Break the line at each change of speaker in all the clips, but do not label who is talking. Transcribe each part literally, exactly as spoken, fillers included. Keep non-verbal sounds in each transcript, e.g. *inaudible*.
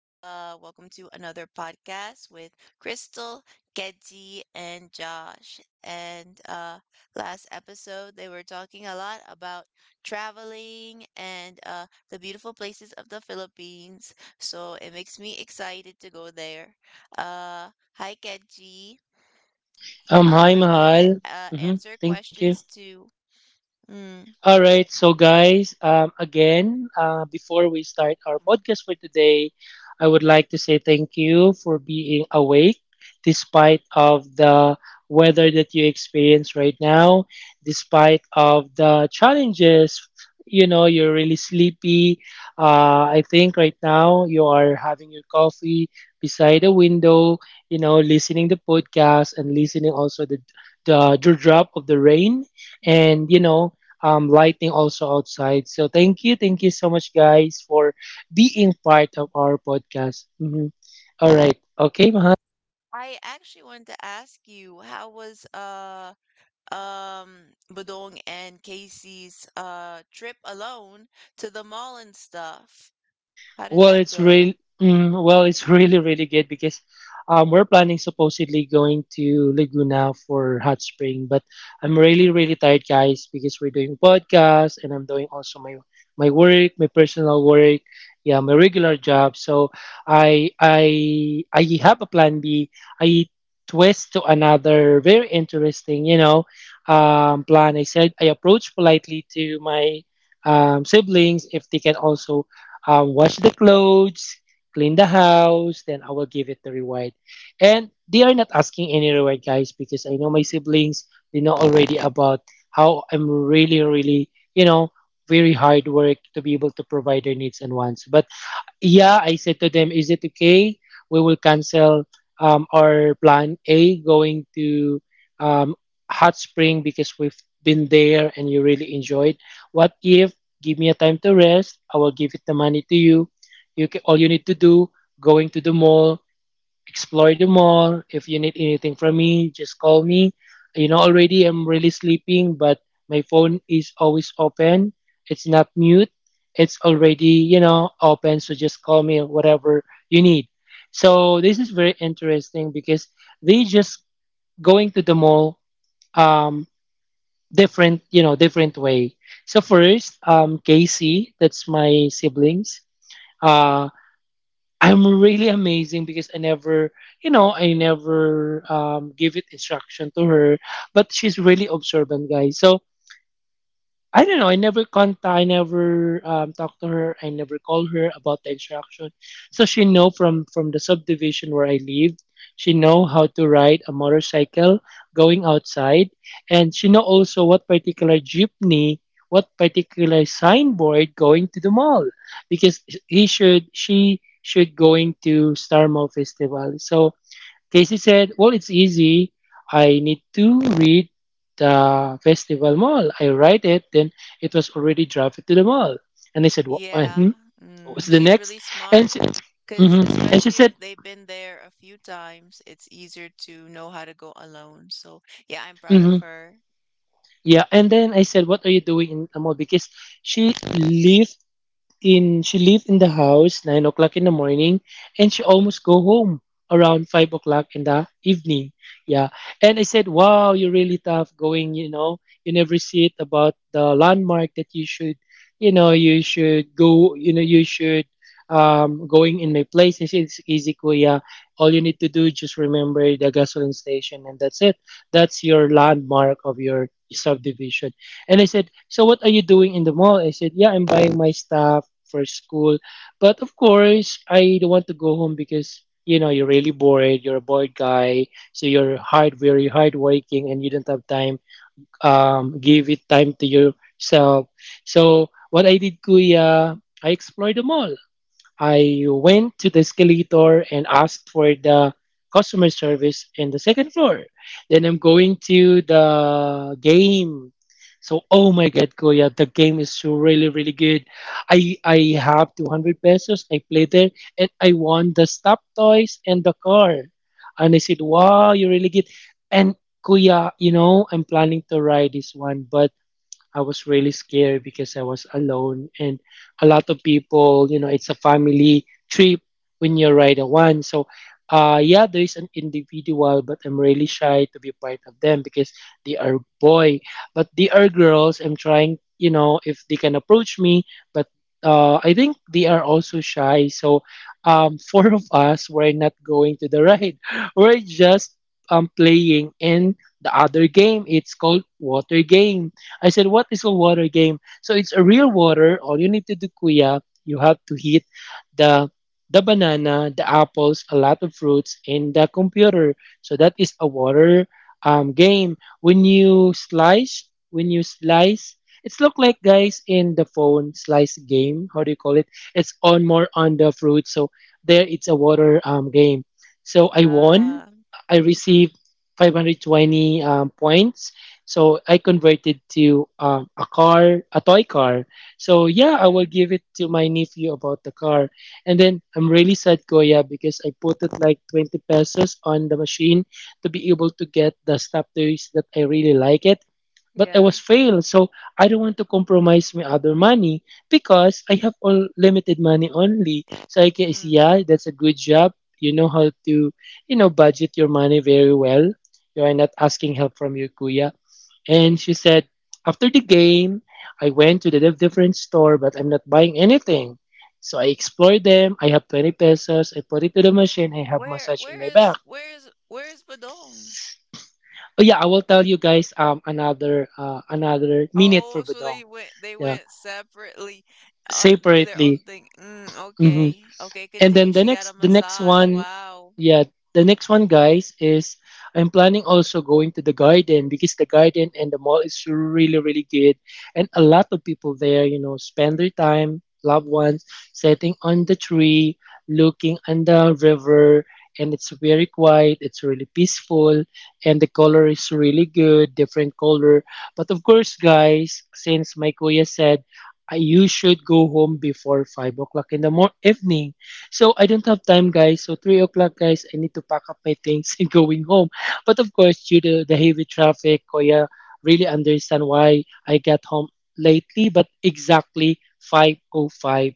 Uh welcome to another podcast with Crystal, Kedzi, and Josh. And uh last episode they were talking a lot about traveling and uh the beautiful places of the Philippines. So it makes me excited to go there. Uh hi Kedzi.
Um,
Um I'm
hi,
willing to
Mahal.
uh,
hmm
answer
Thank you.
questions too. Mm.
All right, so guys, um, again, uh, before we start our podcast for today, I would like to say thank you for being awake despite of the weather that you experience right now, despite of the challenges. You know, you're really sleepy. Uh, I think right now you are having your coffee beside a window. You know, listening the podcast and listening also the the drop of the rain and you know um, lighting also outside. So thank you, thank you so much, guys, for being part of our podcast. Mhm. All right, okay, mahal.
I actually wanted to ask you, how was uh um Budong and Casey's uh trip alone to the mall and stuff. How did
Well,
that
it's
go?
real. Mm, well, it's *laughs* really really good because um, we're planning supposedly going to Laguna for hot spring, but I'm really really tired, guys, because we're doing podcasts and I'm doing also my my work, my personal work, yeah, my regular job. So I I I have a plan B. I twist to another very interesting, you know, um, plan. I said I approached politely to my um, siblings if they can also um, wash the clothes, clean the house, then I will give it the reward. And they are not asking any reward, guys, because I know my siblings, they know already about how I'm really, really, you know, very hard work to be able to provide their needs and wants. But yeah, I said to them, is it okay? We will cancel um, our plan A going to um, Hot Spring because we've been there and you really enjoyed. What if give me a time to rest? I will give it the money to you. You ca All you need to do going to the mall, explore the mall. If you need anything from me, just call me. You know, already I'm really sleeping, but my phone is always open. It's not mute. It's already, you know, open. So just call me whatever you need. So this is very interesting because they just going to the mall um different, you know, different way. So first, um Casey, that's my siblings. Uh, I'm really amazing because I never, you know, I never um, give it instruction to her, but she's really observant, guys. So I don't know. I never contact. I never um, talked to her. I never called her about the instruction. So she know from from the subdivision where I live. She know how to ride a motorcycle going outside, and she know also what particular jeepney, what particular signboard going to the mall, because he should she should going to Star Mall Festival. So Casey said, well, it's easy. I need to read the festival mall. I write it, then it was already drafted to the mall. And I said, What uh, hmm
Yeah.
what's
Mm,
the
she's really
next? And
smart
she,
because
hmm and she
especially if
said,
they've been there a few times, it's easier to know how to go alone. So, yeah, I'm proud of
hmm
her.
Yeah. And then I said, what are you doing in the mall? Because she lived in she leave in the house nine o'clock in the morning and she almost go home around five o'clock in the evening, yeah. And I said, wow, you're really tough going, you know, you never see it about the landmark that you should, you know, you should go, you know, you should um going in my place. He said, it's easy kuya, all you need to do just remember the gasoline station and that's it, that's your landmark of your subdivision. And I said, "So what are you doing in the mall?" I said, "Yeah, I'm buying my stuff for school. But of course, I don't want to go home because you know you're really bored. You're a bored guy, so you're hard, very hard working, and you don't have time. Um, give it time to yourself. So what I did, Kuya, I explored the mall. I went to the escalator and asked for the customer service in the second floor. Then I'm going to the game. So oh my god, Kuya, the game is so really really good. I I have two hundred pesos. I played there and I won the stop toys and the car. And I said, wow, you really good. And Kuya, you know, I'm planning to ride this one, but I was really scared because I was alone and a lot of people, you know, it's a family trip when you ride a one. So, uh, yeah, there is an individual, but I'm really shy to be part of them because they are boy, but they are girls. I'm trying, you know, if they can approach me, but uh, I think they are also shy. So, um, *laughs* four of us were not going to the ride. *laughs* We're just um playing in the other game. It's called water game. I said, what is a water game? So it's a real water. All you need to do, kuya, you have to heat the the banana, the apples, a lot of fruits in the computer. So that is a water um, game. When you slice, when you slice, it's look like guys in the phone slice game. How do you call it? It's on more on the fruit. So there, it's a water um, game. So I won.
Ah.
I received five hundred twenty um, points, so I converted to um, a car, a toy car. So yeah, I will
Mm,
give it to my nephew about the car. And then I'm really sad, Koya, because I put it like twenty pesos on the machine to be able to get the stuff toys that I really like it. But I
yeah.
was failed, so I don't want to compromise my other money because I have all limited money only. So I guess
Mm.
yeah, that's a good job. You know how to, you know, budget your money very well. You are not asking help from your kuya. And she said, after the game, I went to the diff- different store, but I'm not buying anything. So I explored them. I have twenty pesos. I put it to the machine. I have
Where
massage on
where
my
is
back.
where is where is Badong?
Oh yeah, I will tell you guys um another uh, another minute for
Oh, so
Bedong.
they went they
Yeah,
went separately, uh, do their own
separately.
thing. Mm,
Mhm.
okay. Okay,
And
continue.
then the
She got a
next the next
massage.
one,
Wow.
yeah, the next one, guys, is I'm planning also going to the garden because the garden and the mall is really really good, and a lot of people there, you know, spend their time, loved ones, sitting on the tree, looking on the river, and it's very quiet. It's really peaceful, and the color is really good, different color. But of course, guys, since my kuya said I you should go home before five o'clock in the mor- evening. So I don't have time, guys. So three o'clock, guys. I need to pack up my things *laughs* and going home. But of course, due to the heavy traffic, Koya really understand why I got home lately. But exactly five o five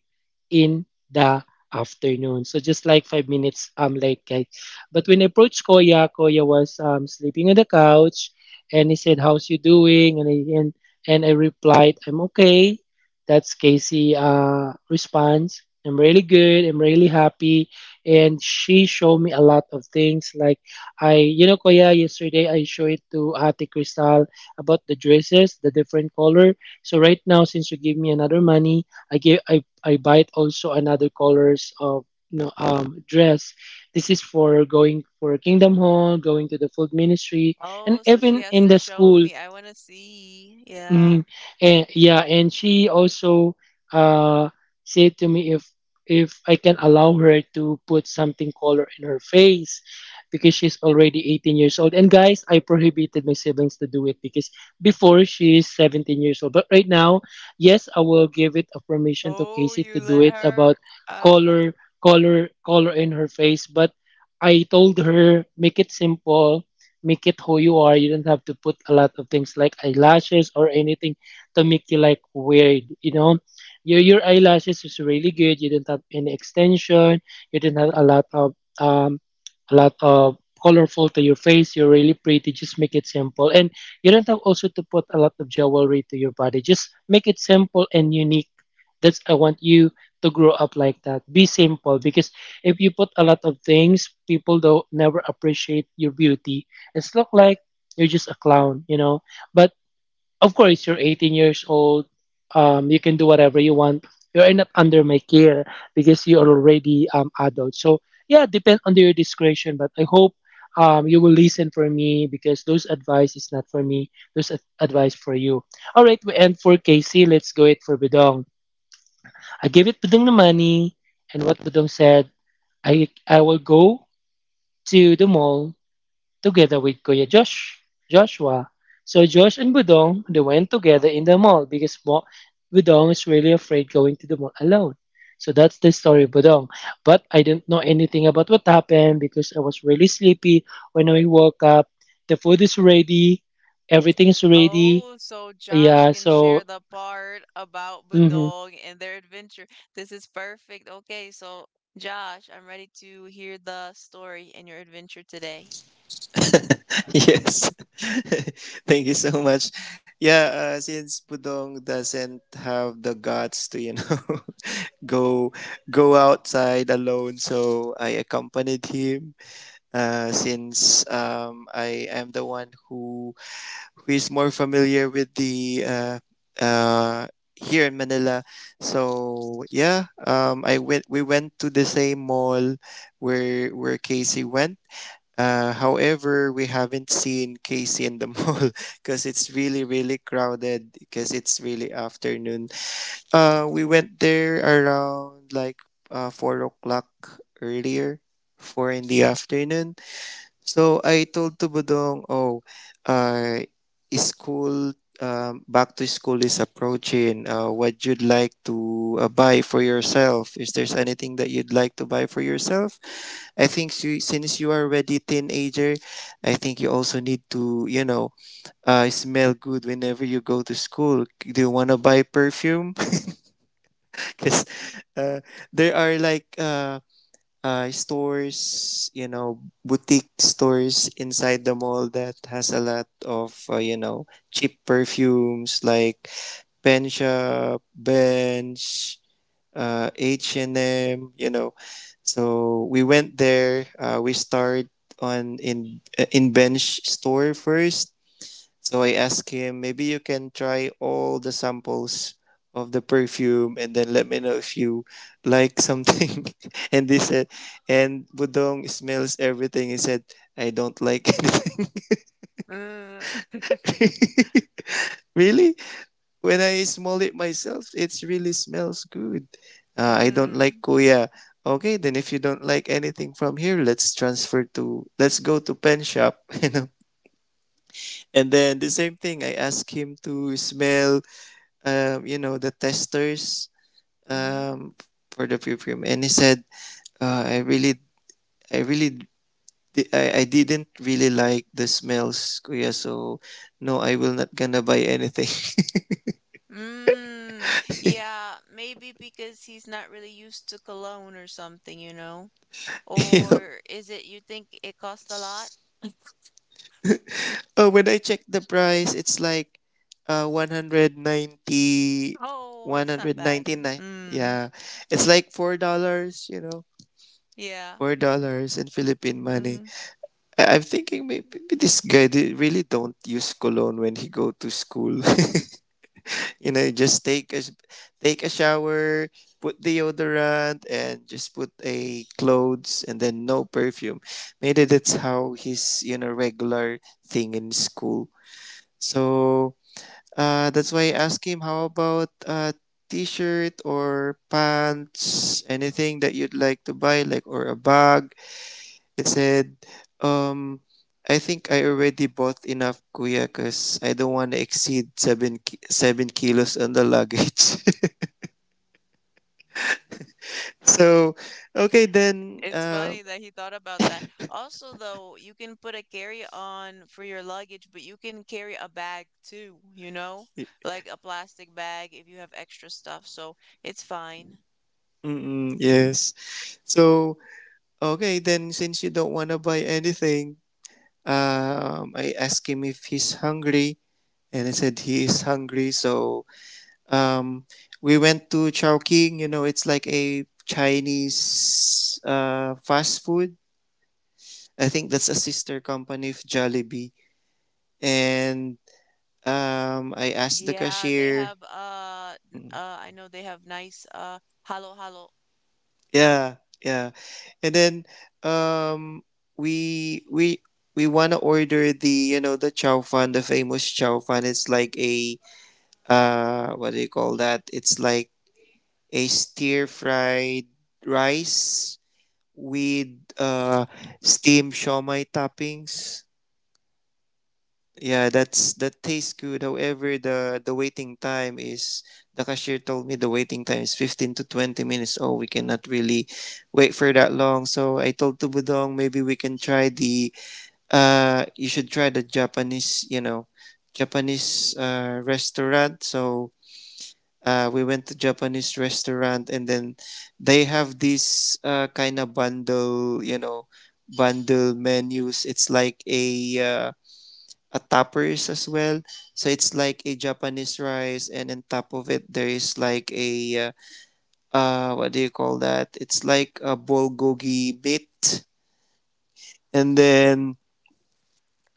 in the afternoon. So just like five minutes um late, guys. But when I approached Koya, Koya was um sleeping on the couch, and he said, "How's you doing?" And I, and and I replied, "I'm okay." That's Casey uh response, I'm really good. I'm really happy. And she showed me a lot of things. Like I, you know, Koya, yesterday I showed it to Ate Crystal about the dresses, the different color. So right now, since you give me another money, I give I I buy it also another colors of, you know, um dress. This is for going for Kingdom Hall, going to the food ministry, and
Oh, so she
even
has
in
to
the
show
school.
me. I want to see. Yeah.
Mm, and yeah, and she also uh said to me if if I can allow her to put something color in her face because she's already eighteen years old. And guys, I prohibited my siblings to do it because before she is seventeen years old. But right now, yes, I will give it a permission to
Oh,
Casey to
you
do
let
it about
her. Uh,
color color color in her face, but I told her make it simple, make it who you are. You don't have to put a lot of things like eyelashes or anything to make you like weird. You know, your your eyelashes is really good. You don't have any extension. You don't have a lot of um a lot of colorful to your face. You're really pretty. Just make it simple, and you don't have also to put a lot of jewelry to your body. Just make it simple and unique. That's I want you to grow up like that. Be simple because if you put a lot of things, people don't never appreciate your beauty, it's look like you're just a clown, you know. But of course, you're eighteen years old. Um, you can do whatever you want. You're not under my care because you're already um adult. So yeah, depend on your discretion. But I hope um you will listen for me because those advice is not for me. Those ad- advice for you. All right, we end for Casey. Let's go it for Budong. I gave it Budong the money, and what Budong said, I I will go to the mall together with Kuya Josh, Joshua. So Josh and Budong, they went together in the mall because Bo- Budong is really afraid going to the mall alone. So that's the story of Budong. But I did not know anything about what happened because I was really sleepy when I woke up. The food is ready, everything is ready.
oh, so Josh
Yeah,
can
so
share the part about
mhm.
Badog and their adventure. This is perfect. Okay, so Josh, I'm ready to hear the story and your adventure today.
*laughs* Yes. *laughs* Thank you so much. Yeah, uh, since Budong doesn't have the guts to, you know, *laughs* go go outside alone, so I accompanied him. Uh, since um, I am the one who who is more familiar with the uh, uh, here in Manila. So yeah, um, I went. We went to the same mall where where Casey went. Uh, however, we haven't seen Casey in the *laughs* mall because it's really, really crowded because it's really afternoon. Uh, we went there around like uh, four o'clock earlier, four in the afternoon. So I told to Budong, oh, uh, school, um, back to school is approaching. Uh, what you'd like to uh, buy for yourself? Is there's anything that you'd like to buy for yourself? I think you, since you are already teenager, I think you also need to, you know, uh, smell good whenever you go to school. Do you want to buy perfume? *laughs* Because uh, there are like uh, uh, stores, you know, boutique stores inside the mall that has a lot of, uh, you know, cheap perfumes like Pen Shop, Bench, uh, H and M, you know. So we went there. Uh, we started on in uh, in bench store first, so I asked him, maybe you can try all the samples of the perfume and then let me know if you like something. *laughs* And he said, and Budong smells everything. He said, I don't like anything. *laughs* Really? When I smell it myself, it really smells good. Uh, I don't
Mm,
like Kuya. Okay, then if you don't like anything from here, let's transfer to, let's go to pen shop, *laughs* you know. And then the same thing, I asked him to smell um, you know, the testers
mm-hmm.
um, for the perfume, and he said, uh, "I really, I really, I, I didn't really like the smells, kuya. So, no, I will not gonna buy anything." *laughs*
Mm, yeah, maybe because he's not really used to cologne or something, you know?
You know?
Or is it you think it cost a lot? *laughs*
Oh, when I checked the price, it's like uh, one hundred ninety
Oh,
one
that's not
hundred
bad.
ninety nine.
Mm,
Yeah, it's like four dollars. You know,
yeah.
four dollars in Philippine money.
hmm
I- I'm thinking maybe, this guy they really don't use cologne when he go to school. *laughs* You know, just take a s- take a shower, put deodorant, and just put a clothes, and then no perfume. Maybe that's how his you know regular thing in school. So uh, that's why I asked him, how about a shirt or pants, anything that you'd like to buy, like or a bag. He said, um, I think I already bought enough, kuya, because I don't want to exceed seven, ki- seven kilos on the luggage. *laughs* So, okay then.
It's
Uh,
funny that he thought about that. Also, though, you can put a carry-on for your luggage, but you can carry a bag too, you know?
y-
Like a plastic bag if you have extra stuff, so it's fine.
mm-mm, yes. So, okay then. Since you don't want to buy anything, um, I asked him if he's hungry, and he said he is hungry. So, um, we went to Chowking. You know, it's like a Chinese uh fast food. I think that's a sister company of Jollibee. And um, I asked the
Yeah, they
cashier.
have uh n-
Mm.
uh I know they have nice uh halo halo.
Yeah, yeah. And then um we we we want to order the you know the chow fan, the famous chow fan. It's like a uh what do you call that? It's like a stir fried rice with uh steamed shawmai toppings. Yeah, that's that tastes good. However, the the waiting time is the cashier told me the waiting time is fifteen to twenty minutes. Oh, we cannot really wait for that long. So I told Tubudong maybe we can try the uh you should try the Japanese, you know, Japanese uh restaurant. So uh we went to Japanese restaurant, and then they have this uh kind of bundle, you know, bundle menus. It's like a uh a tappers as well. So it's like a Japanese rice, and on top of it there is like a uh, uh what do you call that? It's like a bulgogi bit, and then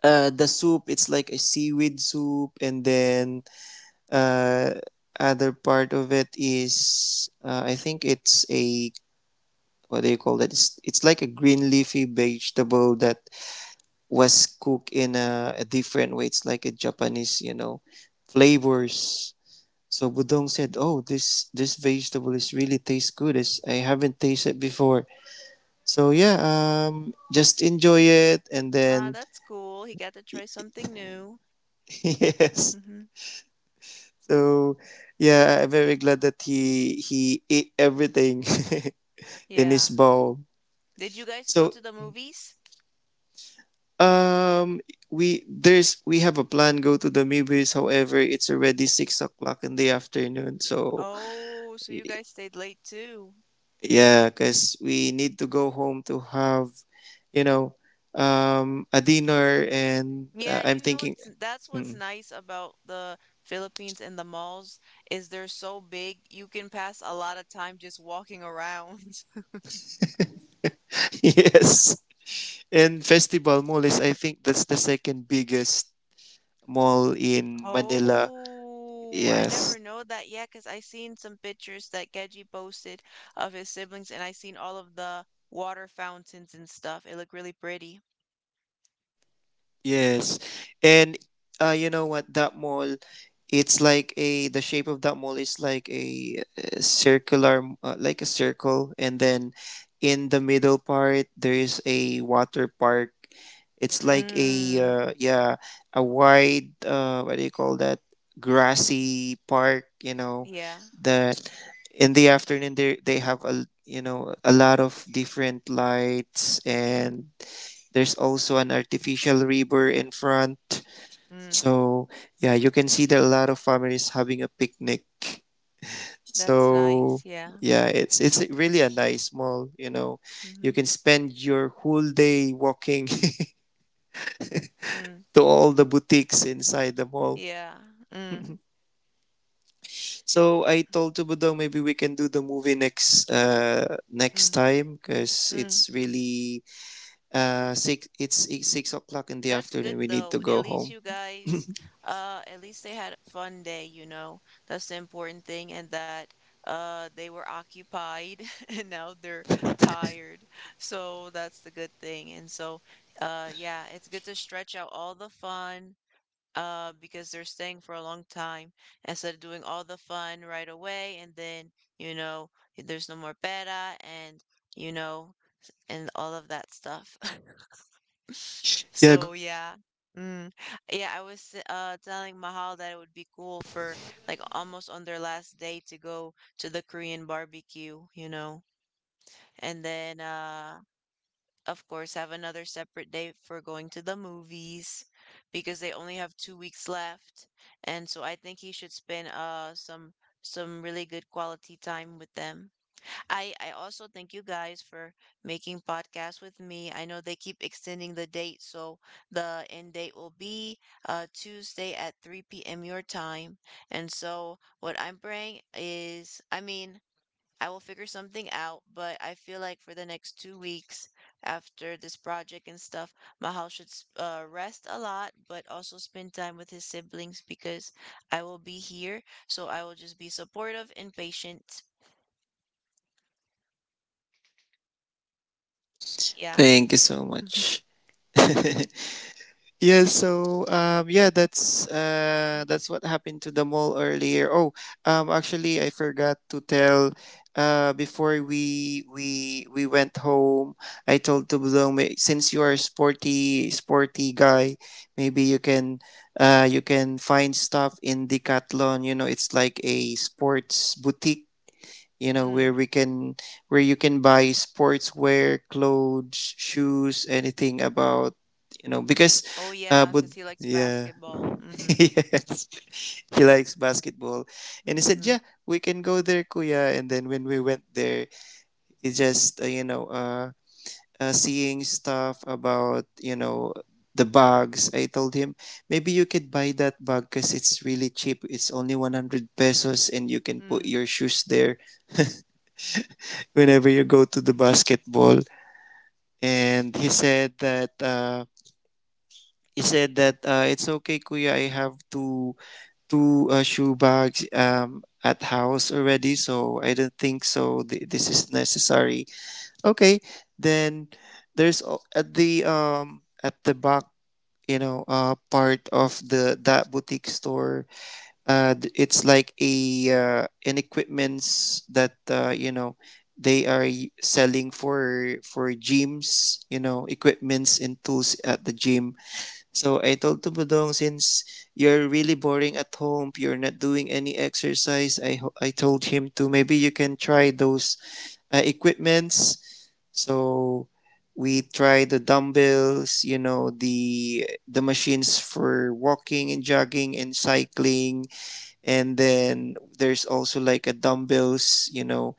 uh the soup it's like a seaweed soup, and then uh other part of it is uh, I think it's a what do you call that? It's it's like a green leafy vegetable that was cooked in a, a different way. It's like a Japanese, you know, flavors. So Budong said, "Oh, this this vegetable is really tastes good. It's, I haven't tasted before. So yeah, um, just enjoy it." And
Ah,
then
that's cool. He got to try something new.
*laughs* yes,
Mm-hmm.
so yeah, I'm very glad that he he ate everything *laughs* in
Yeah.
his bowl.
Did you guys go
So
to the movies?
um, we there's we have a plan go to the movies. However, it's already six o'clock in the afternoon. So
Oh, so you guys stayed late too.
yeah, because we need to go home to have, you know, um, a dinner, and uh,
Yeah,
I'm
you know
thinking,
what's that's what's
mm.
nice about the Philippines and the malls is they're so big, you can pass a lot of time just walking *laughs* around.
*laughs* Yes. And Festival Mall is, I think, that's the second biggest mall in Manila.
Oh, I
Yes.
never know that yet. Cause I seen some pictures that Geji posted of his siblings and I seen all of the water fountains and stuff. It looked really pretty.
Yes. And uh, you know what? That mall, it's like a the shape of that mall is like a, uh circular, uh, like a circle, and then in the middle part there is a water park. It's like a
Mm,
uh, yeah, a wide uh, what do you call that? Grassy park. You know
yeah.
that in the afternoon they they have a you know a lot of different lights, and there's also an artificial river in front.
Mm,
So, yeah, you can see that a lot of families having a picnic.
that's nice.
So,
Yeah.
yeah, it's it's really a nice mall, you know. You
Mm-hmm.
can spend your whole day walking
Mm,
*laughs* to all the boutiques inside the mall.
yeah. Mm,
*laughs* So I told Tubudong maybe we can do the movie next uh next
mm,
time because
mm.
it's really uh six it's, it's six o'clock in the
That's good
afternoon. We need to
though. At
go
least
home.
you guys,
*laughs*
uh, at least they had a fun day, you know. That's the important thing, and that uh they were occupied *laughs* and now they're tired. So that's the good thing. And so uh yeah, it's good to stretch out all the fun uh because they're staying for a long time instead of doing all the fun right away and then, you know, there's no more beta and you know and all of that stuff. *laughs*
Yeah,
So yeah. Mm. Yeah, I was uh telling Mahal that it would be cool for like almost on their last day to go to the Korean barbecue, you know. And then uh of course have another separate day for going to the movies because they only have two weeks left. And so I think he should spend uh some some really good quality time with them. I I also thank you guys for making podcasts with me. I know they keep extending the date, so the end date will be uh Tuesday at three p m your time. And so what I'm praying is, I mean, I will figure something out, but I feel like for the next two weeks after this project and stuff, Mahal should s- uh, rest a lot, but also spend time with his siblings because I will be here. So I will just be supportive and patient. Yeah.
Thank you so much. *laughs* Yeah, so um yeah, that's uh that's what happened to the mall earlier. Oh, um Actually, I forgot to tell uh before we we we went home, I told to Bloom, "Eh, since you are a sporty sporty guy, maybe you can uh you can find stuff in Decathlon, you know, it's like a sports boutique, you know, where
*laughs*
we can where you can buy sportswear, clothes, shoes, anything about, you know, because
Oh
uh
yeah,
but
'cause he likes
yeah."
basketball.
*laughs*
Mhm.
Yes. *laughs* He likes basketball, and he
Mm.
said, "Yeah, we can go there, kuya." And then when we went there, it's just uh, you know uh, uh seeing stuff about, you know, the bags. I told him, maybe you could buy that bag because it's really cheap, it's only one hundred pesos and you can put your shoes there *laughs* whenever you go to the basketball. And he said that uh, he said that uh, it's okay, Kuya. I have two two uh, shoe bags um, at house already, so I don't think so. Th- this is necessary. Okay, then there's al- at the um at the back, you know, uh, part of the that boutique store. Uh, d- it's like a uh, an equipments that uh, you know, they are y- selling for for gyms, you know, equipments and tools at the gym. So I told to Budong, since you're really boring at home, you're not doing any exercise, i ho- I told him to maybe you can try those uh, equipments. So we try the dumbbells, you know, the the machines for walking and jogging and cycling, and then there's also like a dumbbells, you know,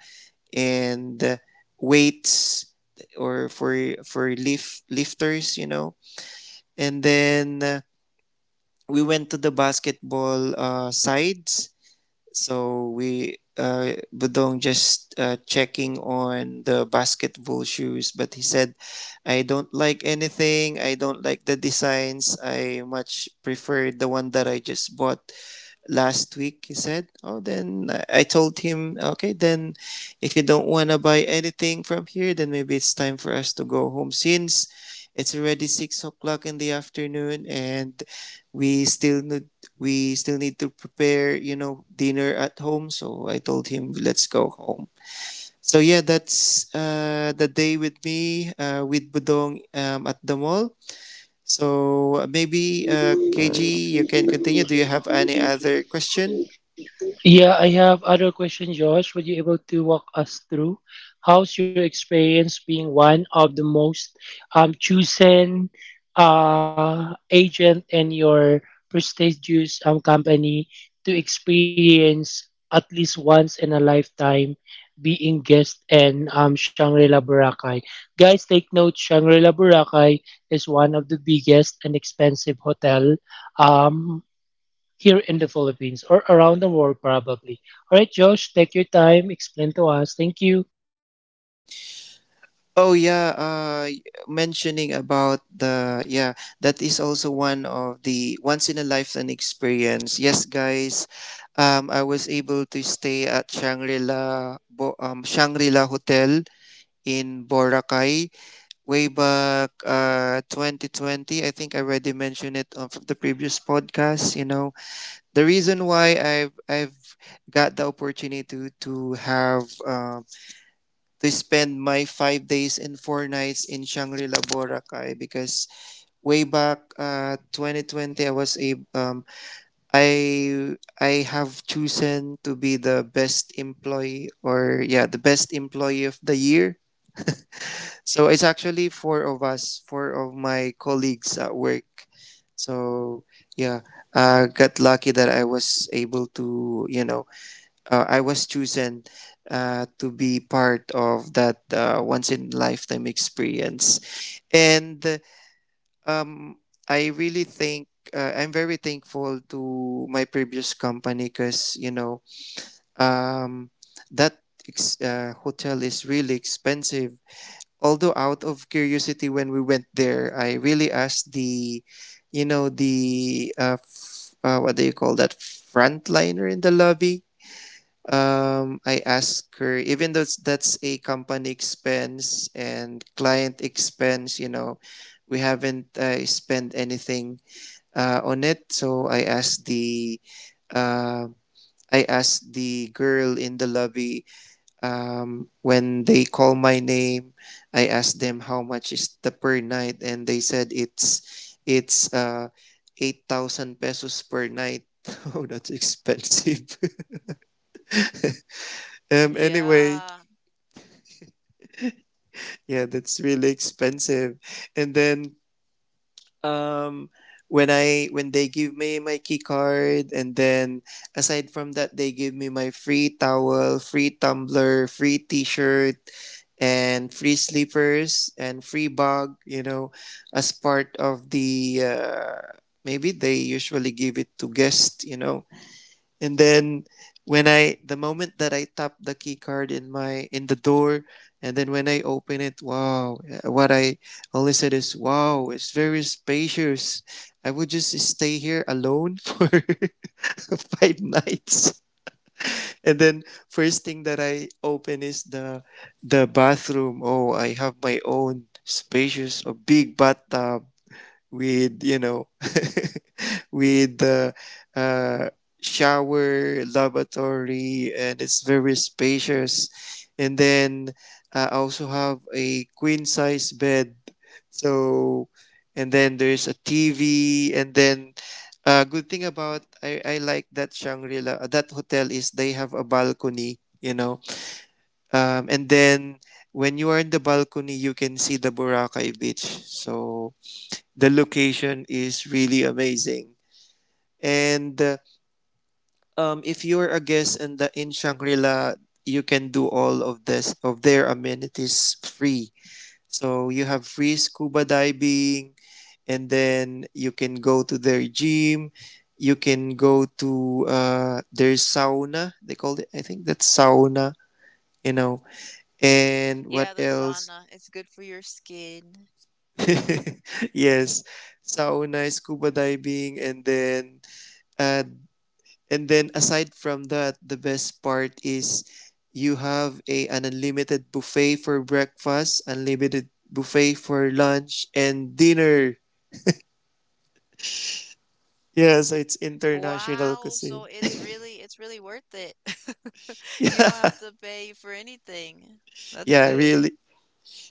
and uh, weights or for for lift lifters, you know. And then uh, We went to the basketball uh, sides, so we uh, Budong just uh, checking on the basketball shoes, but he said, "I don't like anything. I don't like the designs. I much prefer the one that I just bought last week." He said, oh, then i I told him, okay, then, if you don't want to buy anything from here, then maybe it's time for us to go home since it's already six o'clock in the afternoon and we still need we still need to prepare, you know, dinner at home. So I told him, let's go home. So yeah, that's uh, the day with me uh, with Budong um, at the mall. So maybe uh, kg, you can continue. Do you have any other question?
Yeah, I have other questions, Josh. Would you able to walk us through how's your experience being one of the most um chosen uh agent in your prestigious um company to experience at least once in a lifetime being guest in um Shangri-La Boracay. Guys, take note, Shangri-La Boracay is one of the biggest and expensive hotel um here in the Philippines or around the world, probably. All right, Josh, take your time, explain to us. Thank you.
Oh yeah, uh, mentioning about the yeah, that is also one of the once in a lifetime experience. Yes, guys, um, I was able to stay at Shangri-La Bo- um, Shangri-La Hotel in Boracay way back uh twenty twenty. I think I already mentioned it on the previous podcast. You know, the reason why I've I've got the opportunity to to have um to spend my five days and four nights in Shangri-La Boracay because way back uh twenty twenty I was a um I I have chosen to be the best employee, or yeah the best employee of the year. So it's actually four of us, four of my colleagues at work. So yeah, uh got lucky that I was able to, you know, uh, I was chosen uh, to be part of that uh, once in lifetime experience. And um, I really think uh, I'm very thankful to my previous company because, you know, um, that ex- uh, hotel is really expensive. Although out of curiosity when we went there, I really asked the, you know, the, uh, f- uh, what do you call that, frontliner in the lobby. um, I ask her, even though that's a company expense and client expense, you know, we haven't uh, spent anything uh, on it. So I asked the, uh, I asked the girl in the lobby um, when they call my name. I asked them how much is the per night, and they said it's it's uh, eight thousand pesos per night. *laughs* Oh, that's expensive. *laughs* um. Anyway,
Yeah.
yeah, that's really expensive. And then um when I when they give me my key card, and then aside from that, they give me my free towel, free tumbler, free t-shirt, and free slippers, and free bag, you know, as part of the uh maybe they usually give it to guests, you know. And then when I the moment that I tap the key card in my in the door, and then when I open it, wow, uh, what I only said is, wow, it's very spacious. I would just stay here alone for *laughs* five nights. And then first thing that I open is the the bathroom. Oh, I have my own spacious or big bathtub with, you know, *laughs* with the uh, shower, lavatory, and it's very spacious. And then uh, I also have a queen size bed, so. And then there's a tv, and then uh, good thing about I, I like that Shangri-La, uh, that hotel, is they have a balcony, you know. Um, and then when you are in the balcony, you can see the Boracay beach, so the location is really amazing. And uh, um, If you're a guest in the in Shangri-La, you can do all of this of their amenities free. So you have free scuba diving, and then you can go to their gym. You can go to uh, their sauna. They call it, I think that's sauna, you know. And
Yeah,
what
the
else?
sauna. It's good for your skin.
*laughs* Yes, sauna, scuba diving, and then uh, And then aside from that, the best part is you have a an unlimited buffet for breakfast, unlimited buffet for lunch and dinner. Yes, it's international
Wow, so
cuisine. *laughs*
it's really it's really worth it. *laughs* You don't
Yeah.
have to pay for anything. That's
Yeah,
good.
really.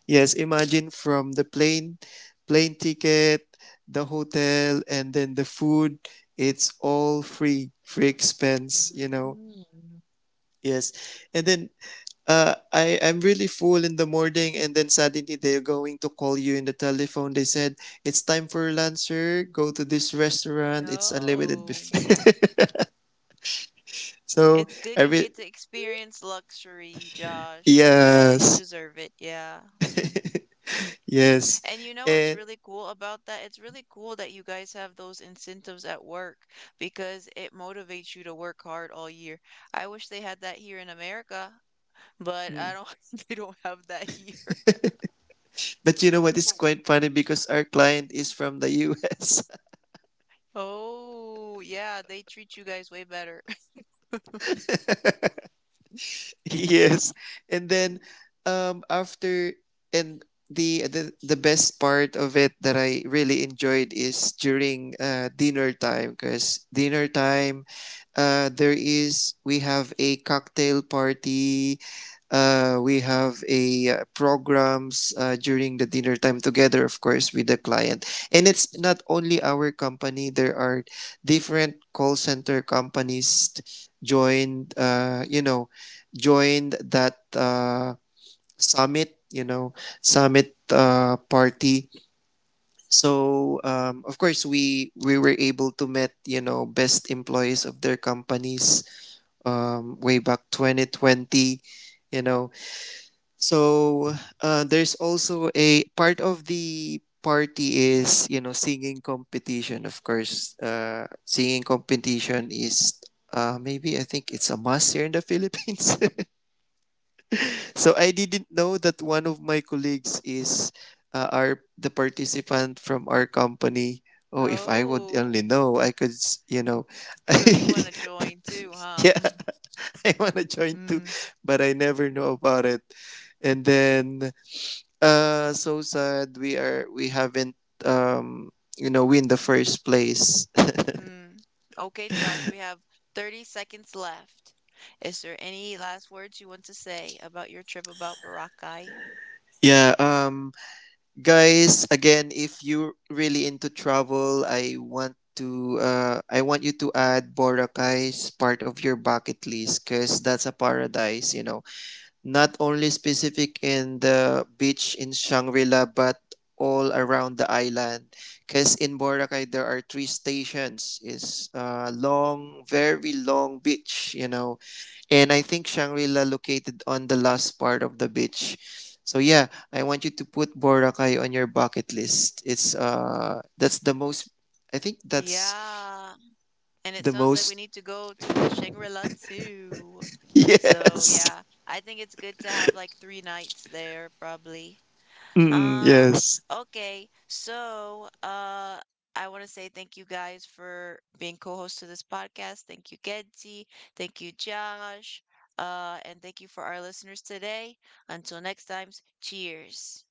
Yes, imagine from the plane, plane ticket, the hotel and then the food, it's all free, free expense, you know. Yes. And then uh, I, I'm really full in the morning, and then suddenly they're going to call you in the telephone. They said, it's time for lunch, sir. Go to this restaurant. It's unlimited
Oh,
buffet. *laughs* So,
it's good
I
you
re-
get to experience luxury, Josh. Uh, you
yes.
deserve it. Yeah.
*laughs*
Mm.
Yes.
And you know what's
And,
really cool about that? It's really cool that you guys have those incentives at work because it motivates you to work hard all year. I wish they had that here in America, but I
mm,
don't, *laughs* they don't have that here.
but you know what? It's quite funny because our client is from the U S.
Oh, yeah, they treat you guys way better. *laughs*
*laughs* Yes. And then um after and the, the the best part of it that I really enjoyed is during uh, dinner time, because dinner time uh, there is we have a cocktail party, uh, we have a uh, programs uh, during the dinner time together, of course, with the client. And it's not only our company; there are different call center companies t- joined. Uh, you know, joined that uh, summit, you know, summit uh, party. So um, of course, we we were able to meet, you know, best employees of their companies, um, way back twenty twenty, you know. So uh, there's also a part of the party is, you know, singing competition. Of course, uh, singing competition is uh, maybe, I think it's a must here in the *laughs* Philippines. *laughs* So I didn't know that one of my colleagues is uh, our the participant from our company. Oh, if I would only
Oh,
know, I could s- you know, *laughs*
so you want
I,
to join too, huh?
yeah, *laughs* I wanna join too,
Hmm.
but I never know about it. And then Uh, so sad. We are. We haven't, Um, you know, win the first place.
Hmm. Okay, Josh, we have thirty seconds left. Is there any last words you want to say about your trip about Boracay?
Yeah. Um, guys, again, if you're really into travel, I want to. Uh, I want you to add Boracay as part of your bucket list, cause that's a paradise, you know. Not only specific in the beach in Shangri-La, but all around the island, because in Boracay there are three stations. It's a long very long beach, you know. And I think Shangri-La located on the last part of the beach. So yeah, I want you to put Boracay on your bucket list. It's uh That's the most, I think that's
Yeah, and it
the
sounds like we
most.
need to go to the Shangri-La too.
*laughs*
So
Yes.
yeah, I think it's good to have like three nights there probably.
Mm,
Um,
yes.
okay. So, uh I want to say thank you guys for being co-host to this podcast. Thank you, Genzi. Thank you, Josh. Uh, and thank you for our listeners today. Until next time, cheers.